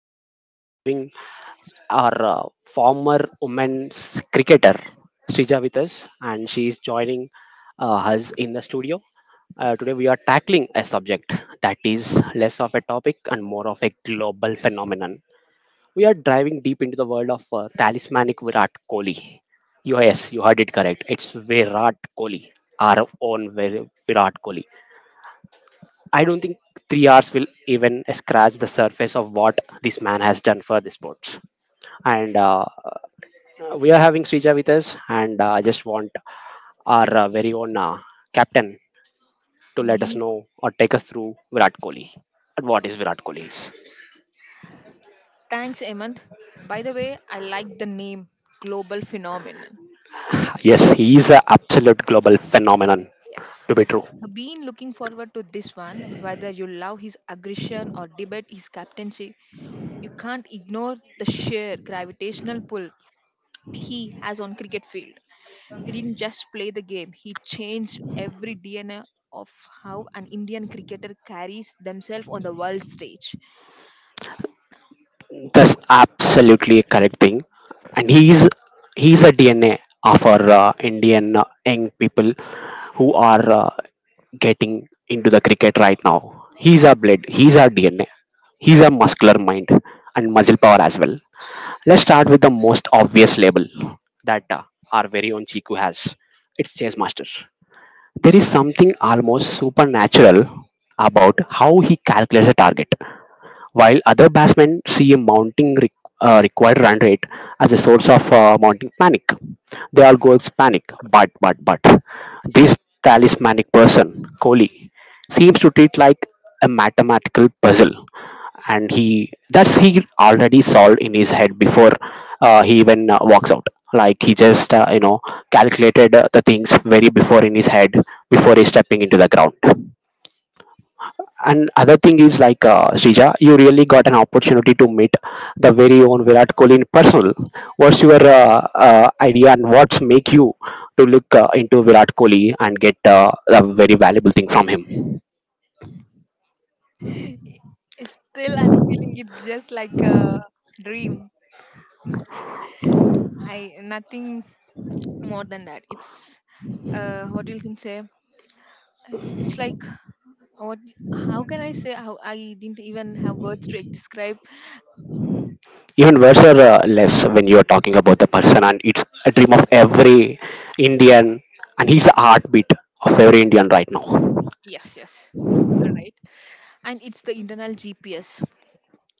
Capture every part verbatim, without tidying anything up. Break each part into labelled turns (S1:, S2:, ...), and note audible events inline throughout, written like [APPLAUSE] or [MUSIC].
S1: today we are uh, having our uh, former women's cricketer Srija with us, and she is joining uh, us in the studio. Uh, today we are tackling a subject that is less of a topic and more of a global phenomenon. We are diving deep into the world of uh, talismanic Virat Kohli. Yes, you heard it correct. It's Virat Kohli, our own Vir- Virat Kohli. I don't think three hours will even scratch the surface of what this man has done for the sports. And uh, We are having Srija with us, and uh, I just want our uh, very own uh, captain to let us
S2: Mhm.
S1: know or take us through Virat Kohli and what is Virat Kohli is.
S2: Thanks, Hemant. By the way, I like the name Global Phenomenon.
S1: Yes, he is an absolute global phenomenon
S2: Yes.
S1: to be true.
S2: I've been looking forward to this one. Whether you love his aggression or debate his captaincy, you can't ignore the sheer gravitational pull he has on cricket field. He didn't just play the game, he changed every D N A of how an Indian cricketer carries themselves on the world stage.
S1: That's absolutely a correct thing. And he's he's a D N A of our uh, Indian uh, young people who are uh, getting into the cricket right now. He's our blood. He's our D N A. He's a muscular mind and muscle power as well. Let's start with the most obvious label that uh, our very own Chiku has. It's chess master. There is something almost supernatural about how he calculates a target while other batsmen see a mounting re- uh, required run rate as a source of uh, mounting panic. They all go panic, but but but this talismanic person, Kohli, seems to treat like a mathematical puzzle, and he that's he already solved in his head before uh, he even uh, walks out. Like he just uh, you know calculated uh, the things very before in his head before he's stepping into the ground. And other thing is like uh, Srija, you really got an opportunity to meet the very own Virat Kohli in personal. What's your uh, uh, idea and what's make you to look uh, into Virat Kohli and get uh, a very valuable thing from him?
S2: [LAUGHS] Still, I'm feeling it's just like a dream. I nothing more than that it's uh what you can say it's like what how can I say how I didn't even have words to describe.
S1: Even words are uh, less when you are talking about the person, and it's a dream of every Indian, and he's the heartbeat of every Indian right now.
S2: Yes, yes, you're right. And it's the internal G P S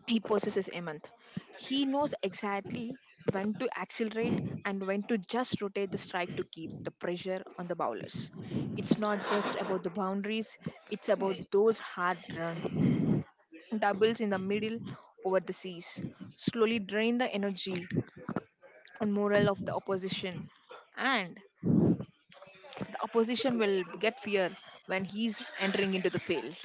S2: he possesses, Amant. He knows exactly when to accelerate and when to just rotate the strike to keep the pressure on the bowlers. It's not just about the boundaries, it's about those hard run doubles in the middle over the seas slowly drain the energy and morale of the opposition, and the opposition will get fear when he's entering into the field.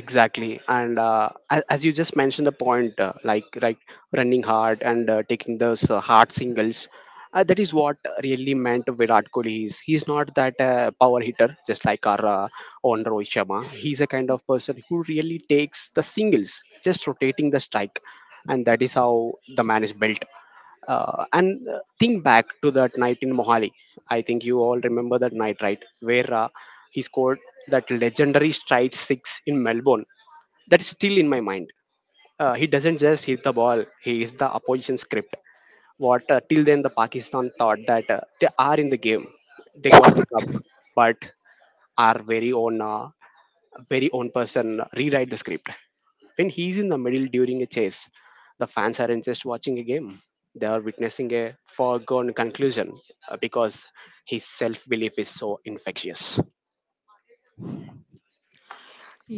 S1: Exactly, and uh, a- as you just mentioned the point, uh, like like running hard and uh, taking those uh, hard singles, uh, that is what really meant Virat Kohli is. He's not that uh, power hitter, just like our uh, own Rohit Sharma. He's a kind of person who really takes the singles, just rotating the strike, and that is how the man is built. Uh, and uh, Think back to that night in Mohali. I think you all remember that night, right? Where uh, he scored that legendary stride six in Melbourne. That's still in my mind. Uh, he doesn't just hit the ball; he is the opposition script. What, uh, till then the Pakistan thought that uh, they are in the game, they got the cup, but our very own uh, very own person rewrite the script. When he's in the middle during a chase, the fans aren't just watching a game. They are witnessing a foregone conclusion, uh, because his self belief is so infectious.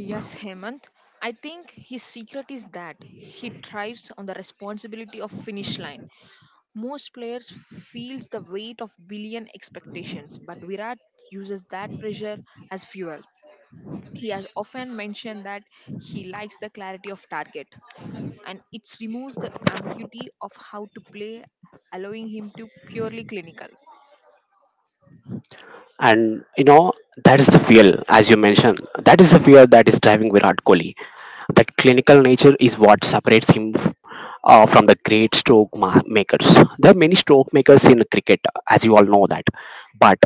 S2: Yes, Hemant, I think his secret is that he thrives on the responsibility of finish line. Most players feels the weight of billion expectations, but Virat uses that pressure as fuel. He has often mentioned that he likes the clarity of target and it removes the ambiguity of how to play, allowing him to purely clinical.
S1: And you know, that is the fear, as you mentioned, that is the fear that is driving Virat Kohli. That clinical nature is what separates him f- uh, from the great stroke ma- makers. There are many stroke makers in cricket, as you all know that. But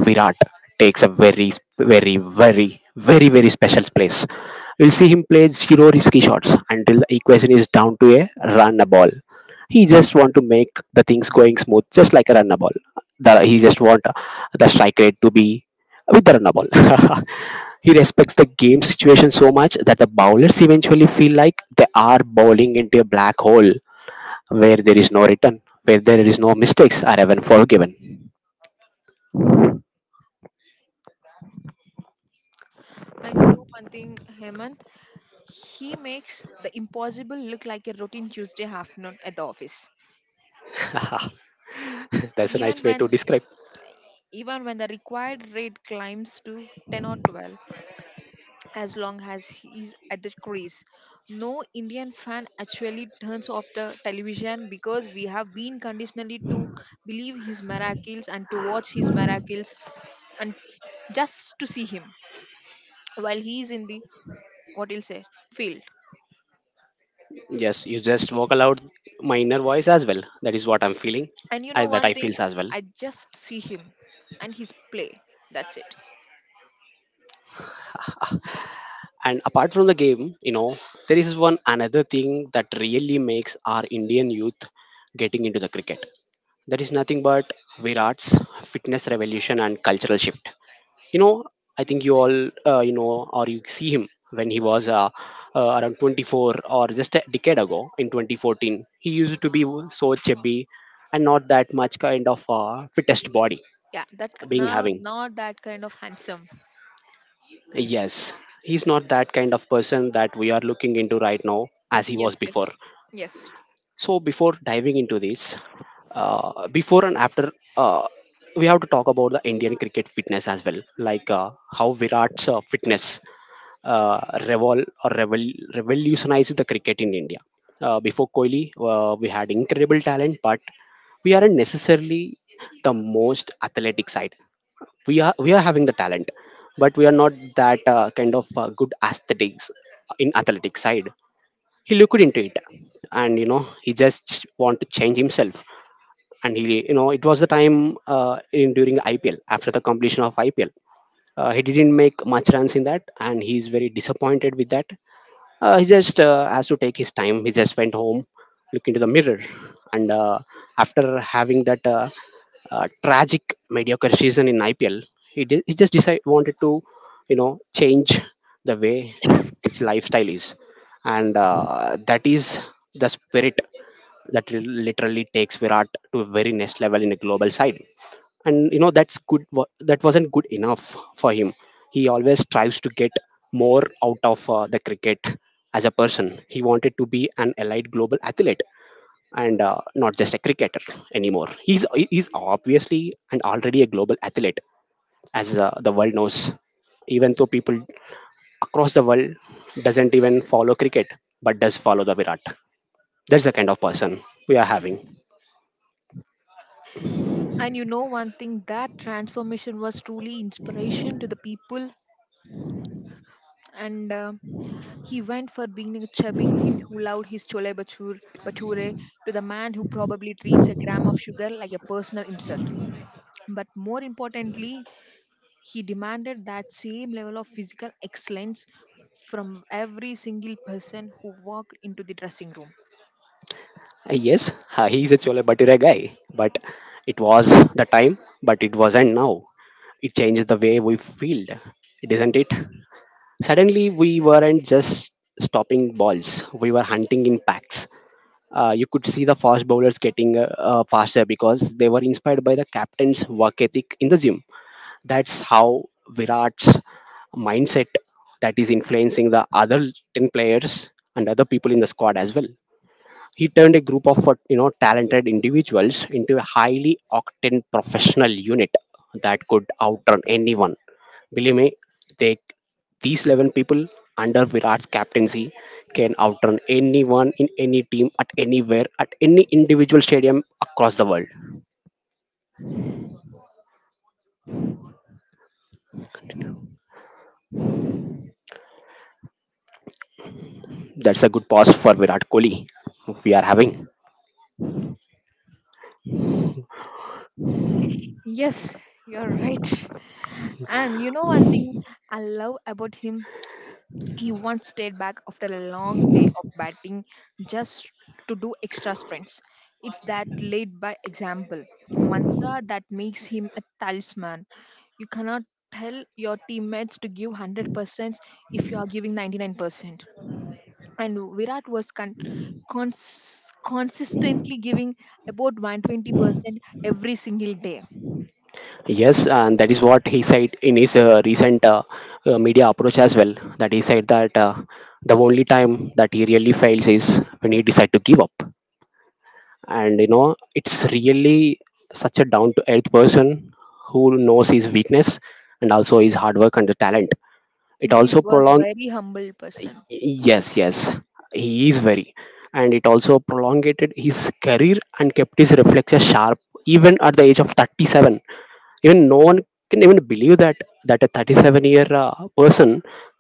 S1: Virat takes a very, sp- very, very, very, very special place. You'll see him play zero risky shots until the equation is down to a run a ball. He just want to make the things going smooth, just like a run a ball. The, he just want the strike rate to be with the runner ball. [LAUGHS] He respects the game situation so much that the bowlers eventually feel like they are bowling into a black hole where there is no return, where there is no mistakes are even forgiven.
S2: And you know one thing, Hemant, he makes the impossible look like a routine Tuesday afternoon at the office.
S1: [LAUGHS] That's a nice
S2: Even
S1: way to
S2: when
S1: describe.
S2: even when the required rate climbs to ten or twelve, as long as he's at the crease, no Indian fan actually turns off the television because we have been conditionally to believe his miracles and to watch his miracles and just to see him while he is in the what you'll say field.
S1: Yes, you just vocal out my inner voice as well. That is what I'm feeling,
S2: And you
S1: I,
S2: know
S1: that
S2: one
S1: I
S2: thing,
S1: feels as well.
S2: I just see him and his play. That's it.
S1: And apart from the game, you know, there is one another thing that really makes our Indian youth getting into the cricket. That is nothing but Virat's fitness revolution and cultural shift. You know, I think you all, uh, you know, or you see him when he was uh, uh, around twenty four or just a decade ago in twenty fourteen. He used to be so chubby and not that much kind of uh, fittest body
S2: Yeah, that k-
S1: being
S2: now
S1: having.
S2: not that kind of handsome.
S1: Yes, he's not that kind of person that we are looking into right now as he was
S2: Yes, yes,
S1: before.
S2: yes.
S1: So before diving into this, uh, before and after, uh, we have to talk about the Indian cricket fitness as well, like uh, how Virat's uh, fitness uh, revol or revol- revolutionized the cricket in India. Uh, before Kohli, uh, we had incredible talent, but we aren't necessarily the most athletic side. We are we are having the talent, but we are not that uh, kind of uh, good aesthetics in athletic side. He looked into it, and you know, he just want to change himself. And he, you know, it was the time, uh, in during I P L, after the completion of I P L, uh, he didn't make much runs in that, and he's very disappointed with that. Uh, he just uh, has to take his time. He just went home, looked into the mirror, and uh, after having that uh, uh, tragic mediocre season in I P L, he, did, he just decided wanted to, you know, change the way his lifestyle is. And uh, that is the spirit that li- literally takes Virat to a very next level in a global side. And you know, that's good wa- that wasn't good enough for him. He always strives to get more out of uh, the cricket. As a person, he wanted to be an elite global athlete, and uh, not just a cricketer anymore. He's he's obviously and already a global athlete, as uh, the world knows. Even though people across the world doesn't even follow cricket, but does follow the Virat. That's the kind of person we are having.
S2: And you know one thing, that transformation was truly inspiration to the people. And uh, he went for being a chubby kid who loved his chole bhatur- bhature to the man who probably treats a gram of sugar like a personal insult. But more importantly, he demanded that same level of physical excellence from every single person who walked into the dressing room.
S1: Uh, Yes, uh, he is a Chole Bhature guy, but it was the time, but it wasn't now. It changed the way we feel, isn't it? Suddenly, we weren't just stopping balls, we were hunting in packs. Uh, you could see the fast bowlers getting uh, uh, faster because they were inspired by the captain's work ethic in the gym. That's how Virat's mindset that is influencing the other ten players and other people in the squad as well. He turned a group of uh, you know, talented individuals into a highly octane professional unit that could outrun anyone. Believe me, they these eleven people under Virat's captaincy can outrun anyone in any team at anywhere at any individual stadium across the world. That's a good pause for Virat Kohli we are having.
S2: Yes, you're right. And you know one thing I love about him? He once stayed back after a long day of batting just to do extra sprints. It's that lead by example mantra that makes him a talisman. You cannot tell your teammates to give one hundred percent if you are giving ninety-nine percent. And Virat was con- cons- consistently giving about one hundred twenty percent every single day.
S1: Yes, and that is what he said in his uh, recent uh, uh, media approach as well. That he said that uh, the only time that he really fails is when he decides to give up. And you know, it's really such a down to earth person who knows his weakness and also his hard work and the talent.
S2: And
S1: It
S2: he
S1: also
S2: was
S1: prolonged.
S2: very humble person.
S1: Yes, yes, he is very, and it also prolongated his career and kept his reflexes sharp even at the age of thirty seven. Even no one can even believe that, that a thirty seven year uh, person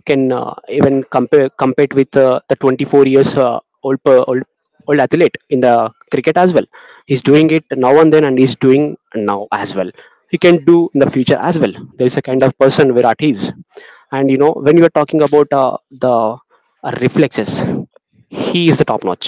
S1: can uh, even compare compete with uh, the twenty four years uh, old, per, old old athlete in the cricket as well. He's
S2: Yes,
S1: doing it now and then, and he's doing now as well. He can do in the future as well. There is a kind
S2: yes,
S1: of person Virat is. And you know, when you are talking about uh, the uh, reflexes, he is the top notch.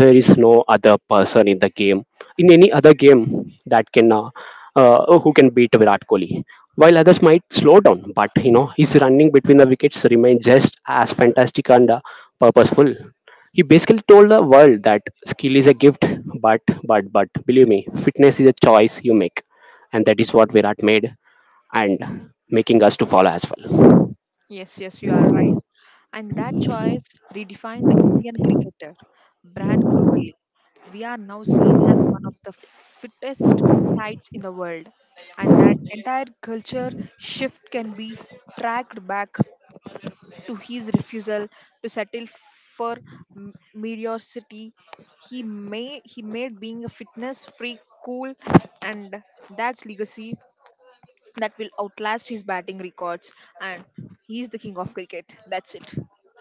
S1: There is no other person in the game, in any other game, that can uh, uh, who can beat Virat Kohli. While others might slow down, but you know, his running between the wickets remained just as fantastic and uh, purposeful. He basically told the world that skill is a gift, but but but believe me, fitness is a choice you make, and that is what Virat made, and making us to follow as well.
S2: yes, yes, you are right. And that choice redefined the Indian cricketer brand globally. We are now seen as one of the fittest sides in the world, and that entire culture shift can be tracked back to his refusal to settle for m- mediocrity. He may he made being a fitness freak cool, and that's legacy that will outlast his batting records. And he's the king of cricket. That's it,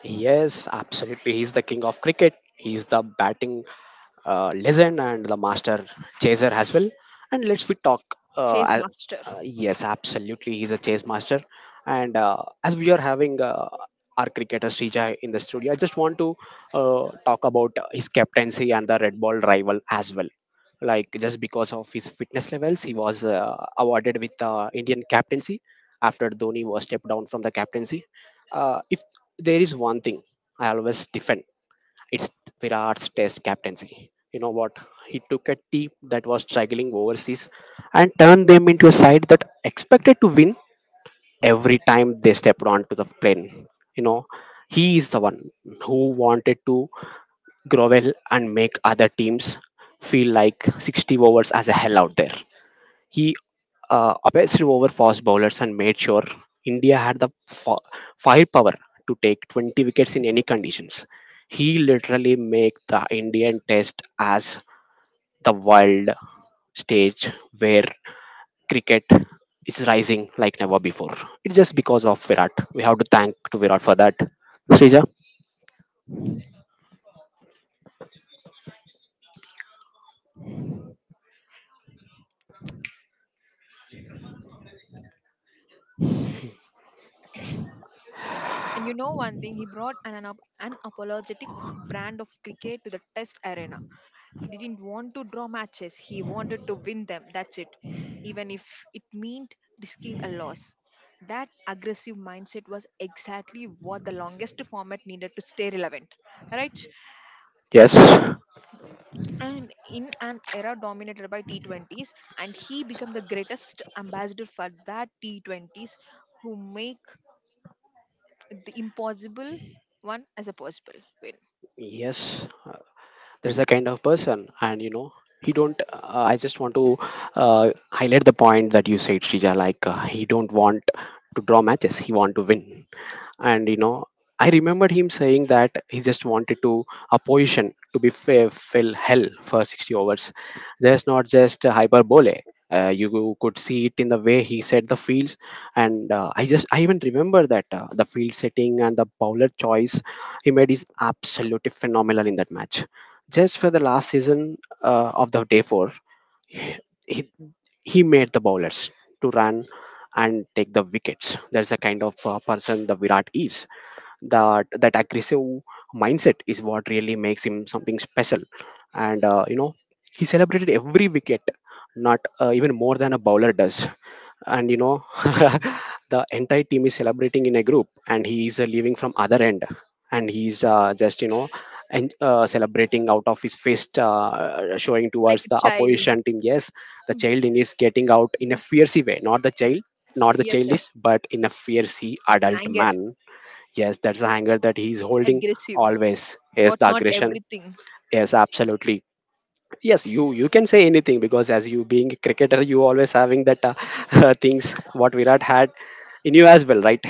S1: Yes, absolutely. He's the king of cricket. He's the batting uh, legend and the master chaser as well. And let's we talk. Uh,
S2: chase
S1: a-
S2: master.
S1: uh, yes, absolutely. He's a chase master. And uh, as we are having uh, our cricketer Srija in the studio, I just want to uh, talk about his captaincy and the Red Ball rival as well. Like just because of his fitness levels, he was uh, awarded with the Indian captaincy after Dhoni was stepped down from the captaincy uh, If there is one thing I always defend. It's Virat's Test captaincy. You know what? He took a team that was struggling overseas and turned them into a side that expected to win every time they stepped onto the plane. You know, he is the one who wanted to grovel and make other teams feel like sixty overs as a hell out there. He uh, obsessed over fast bowlers and made sure India had the fa- firepower to take twenty wickets in any conditions. He literally made the Indian test as the world stage where cricket is rising like never before. It's just because of Virat. We have to thank to Virat for that. Srija?
S2: And you know one thing, he brought an unap- unapologetic brand of cricket to the test arena. He didn't want to draw matches, he wanted to win them. That's it. Even if it meant risking a loss. That aggressive mindset was exactly what the longest format needed to stay relevant, right?
S1: Yes.
S2: In and in an era dominated by T twenties, and he became the greatest ambassador for that T twenties, who make the impossible one as a possible win.
S1: Yes. There's a kind of person, and you know he don't uh, I just want to uh, highlight the point that you said, Shrija, like uh, he don't want to draw matches, he want to win. And you know, I remembered him saying that he just wanted to a position to be fair, fill hell for sixty overs. There's not just a hyperbole. Uh, you could see it in the way he set the fields. And uh, i just i even remember that uh, the field setting and the bowler choice he made is absolutely phenomenal in that match, just for the last season uh, of the day four, he, he he made the bowlers to run and take the wickets. That's the kind of uh, person the Virat is. That that aggressive mindset is what really makes him something special. And uh, you know, he celebrated every wicket not uh, even more than a bowler does. And you know, [LAUGHS] the entire team is celebrating in a group, and he is uh, leaving from other end, and he's uh, just you know, and uh, celebrating out of his fist, uh, showing
S2: Like
S1: towards
S2: a
S1: the
S2: child.
S1: opposition team. Yes, the
S2: Mm,
S1: child in is getting out in a
S2: mm.
S1: fierce way, not the child, not the
S2: Yes, sir.
S1: childish, but in a fierce adult
S2: Anger,
S1: man. Yes, that's a hanger that he's holding
S2: aggressive.
S1: always. Yes,
S2: What
S1: the
S2: not
S1: aggression.
S2: everything.
S1: Yes, absolutely. Yes, you you can say anything, because as you being a cricketer, you always having that uh, [LAUGHS] things what Virat had in you as well, right?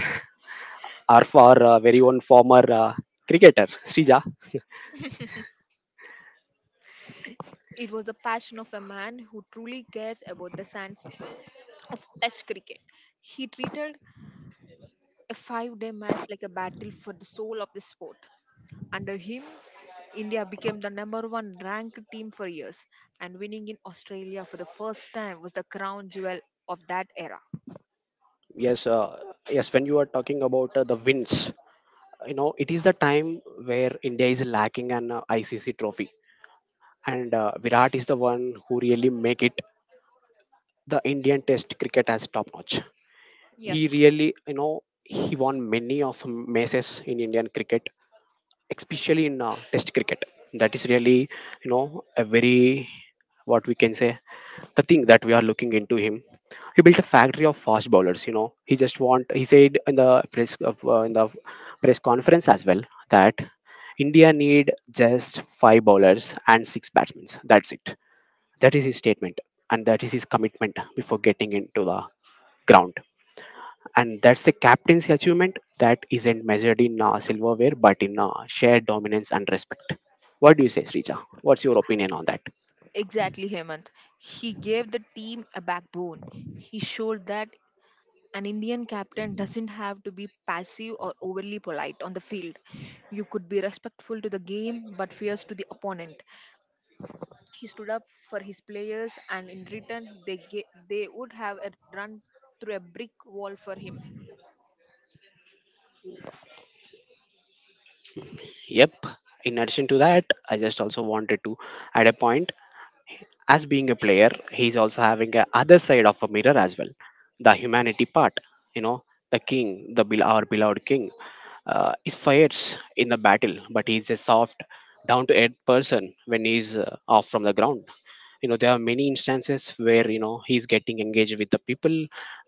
S1: Or for uh, very own former uh, cricketer, Srija.
S2: It was the passion of a man who truly cares about the sands of Test cricket. He treated a five day match like a battle for the soul of the sport. Under him, India became the number one ranked team for years, and winning in Australia for the first time was the crown jewel of that era.
S1: Yes, uh, yes. When you are talking about uh, the wins, you know it is the time where India is lacking an uh, I C C trophy, and uh, Virat is the one who really make it the Indian Test cricket as top notch. He
S2: Yes,
S1: really, you know, he won many of matches in indian cricket, especially in uh, test cricket. That is really, you know, a very, what we can say, the thing that we are looking into him. He built a factory of fast bowlers. You know, he just want he said in the press uh, in the press conference as well, that india need just five bowlers and six batsmen. That's it. That is his statement, and that is his commitment before getting into the ground. And that's the captaincy achievement that isn't measured in uh, silverware, but in uh, shared dominance and respect. What do you say, Srija? What's your opinion on that?
S2: exactly, Hemant. He gave the team a backbone. He showed that an Indian captain doesn't have to be passive or overly polite on the field. You could be respectful to the game but fierce to the opponent. He stood up for his players and in return they ga- they would have a run through a brick wall for him.
S1: Yep. In addition to that, I just also wanted to add a point. As being a player, he's also having a other side of a mirror as well. The humanity part. You know, the king, the bel- our beloved king uh, is fights in the battle, but he's a soft, down to earth person when he's uh, off from the ground. You know, there are many instances where, you know, he's getting engaged with the people,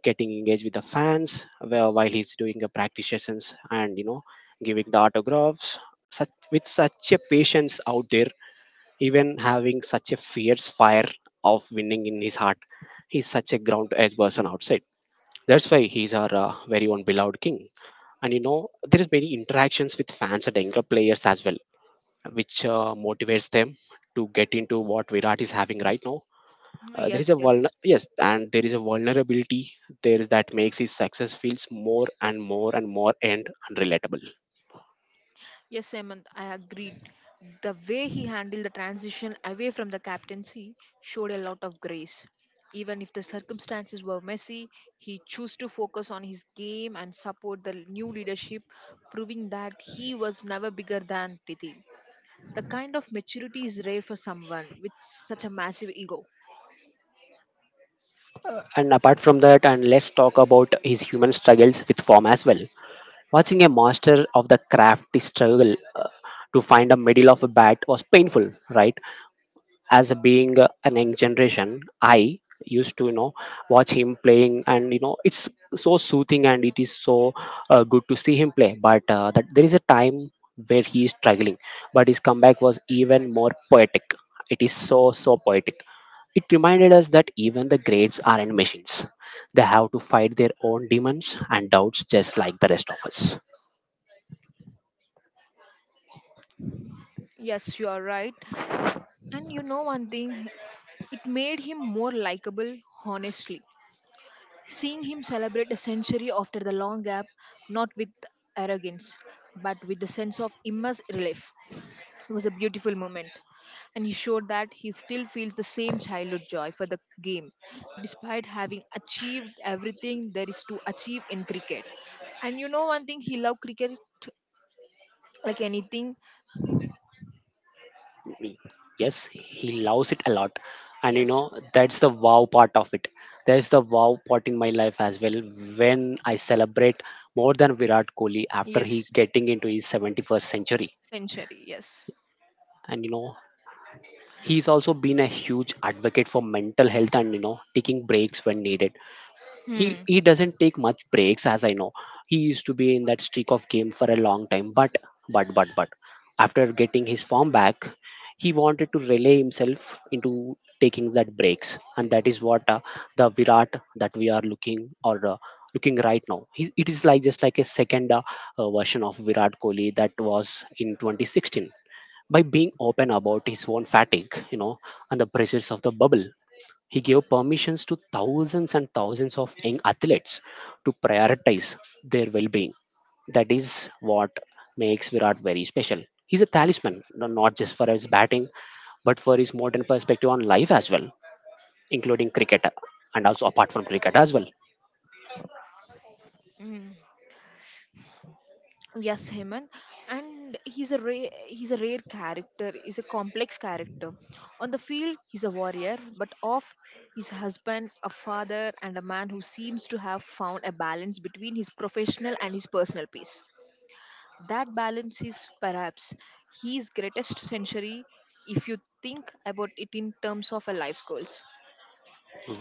S1: getting engaged with the fans where, while he's doing the practice sessions, and you know, giving the autographs, such with such a patience out there. Even having such a fierce fire of winning in his heart, he's such a ground edge person outside. That's why he's our uh, very own beloved king. And you know, there is many interactions with fans and younger players as well, which uh, motivates them to get into what virat is having right now. Uh, there is
S2: Yes,
S1: a
S2: yes.
S1: vulner- Yes, and there is a vulnerability there, is that makes his success feels more and more and more, and relatable.
S2: Yes, Hemant, I agreed. The way he handled the transition away from the captaincy showed a lot of grace. Even if the circumstances were messy, he chose to focus on his game and support the new leadership, proving that he was never bigger than Priti. The kind of maturity is rare for someone with such a massive ego.
S1: And apart from that, and let's talk about his human struggles with form as well. Watching a master of the craft struggle uh, to find a middle of a bat was painful, right? As a being uh, an young generation, I used to, you know, watch him playing, and you know, it's so soothing and it is so uh, good to see him play. But uh, that there is a time where he is struggling, but his comeback was even more poetic. It is so so poetic. It reminded us that even the greats aren't machines. They have to fight their own demons and doubts just like the rest of us.
S2: Yes, you are right. And you know one thing, it made him more likable, honestly. Seeing him celebrate a century after the long gap, not with arrogance, but with a sense of immense relief, was a beautiful moment. And he showed that he still feels the same childhood joy for the game, despite having achieved everything there is to achieve in cricket. And you know one thing, he loved cricket like anything.
S1: Yes, he loves it a lot. And you know,
S2: Yes,
S1: that's the wow part of it. There's the wow part in my life as well, when I celebrate more than virat kohli after he
S2: yes,
S1: getting into his seventy-first century.
S2: century, yes.
S1: And you know, he's also been a huge advocate for mental health, and you know, taking breaks when needed. he
S2: Hmm.
S1: he doesn't take much breaks as I know. He used to be in that streak of game for a long time, but but but but after getting his form back, he wanted to relay himself into taking that breaks. And that is what uh, the virat that we are looking, or uh, looking right now. He's It is like just like a second uh, uh, version of virat kohli that was in twenty sixteen. By being open about his own fatigue, you know, and the pressures of the bubble, he gave permissions to thousands and thousands of young athletes to prioritize their well being. That is what makes Virat very special. He's a talisman, no- not just for his batting, but for his modern perspective on life as well, including cricket, and also apart from cricket as well.
S2: Yes, Hemant, and he's a rare, he's a rare character. He's a complex character. On the field, he's a warrior, but off, he's a husband, a father, and a man who seems to have found a balance between his professional and his personal peace. That balance is perhaps his greatest century if you think about it in terms of a life goals.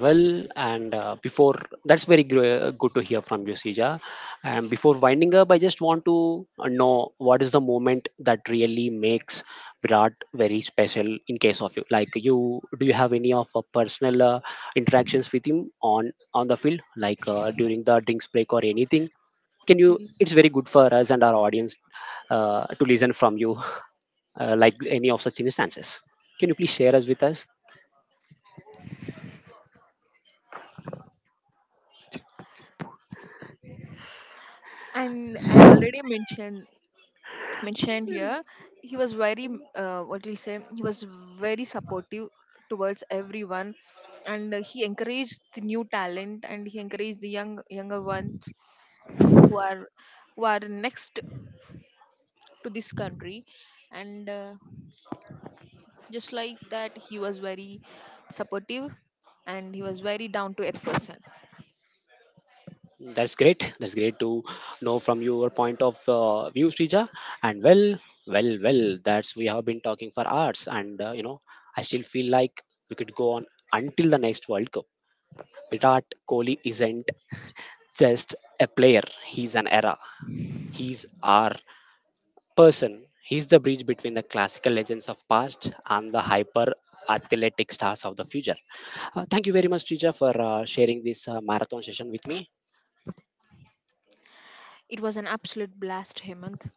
S1: Well, and uh, before that's very gr- good to hear from you, Sija. And before winding up, I just want to uh, know what is the moment that really makes Virat very special in case of you. Like you, do you have any of uh, personal uh, interactions with him on on the field, like uh, during the drinks break or anything? Can you?
S2: Mm.
S1: It's very good for us and our audience uh, to listen from you, [LAUGHS] uh, like any of such instances. Can you please share us with us?
S2: And I already mentioned mentioned here he was very uh, what do you say he was very supportive towards everyone, and uh, he encouraged the new talent and he encouraged the young younger ones who are who are next to this country. And uh, just like that he was very supportive and he was very down to earth person.
S1: That's great. That's great to know from your point of uh, view, Srija. And well, well, well, that's we have been talking for hours, and uh, you know, I still feel like we could go on until the next World Cup. Virat Kohli isn't just a player; he's an era. He's our person. He's the bridge between the classical legends of past and the hyper athletic stars of the future. Uh, thank you very much, Srija, for uh, sharing this uh, marathon session with me.
S2: It was an absolute blast, Hemant.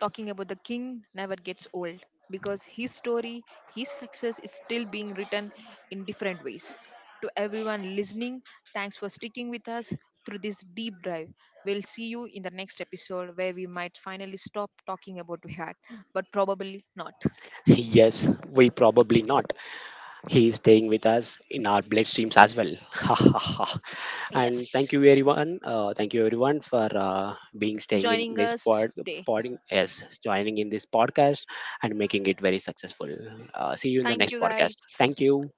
S2: Talking about the king never gets old because his story, his success is still being written in different ways. To everyone listening, thanks for sticking with us through this deep dive. We'll see you in the next episode where we might finally stop talking about Virat, but probably not.
S1: [LAUGHS] Yes, we probably not. He is staying with us in our bloodstreams as well. [LAUGHS] And thank
S2: Yes,
S1: you everyone. Uh, thank you everyone for uh, being staying in
S2: joining
S1: this
S2: us
S1: pod,
S2: today.
S1: podding, yes, joining in this podcast and making it very successful. Uh, see you in the
S2: Thank
S1: next
S2: you
S1: podcast.
S2: guys.
S1: Thank you.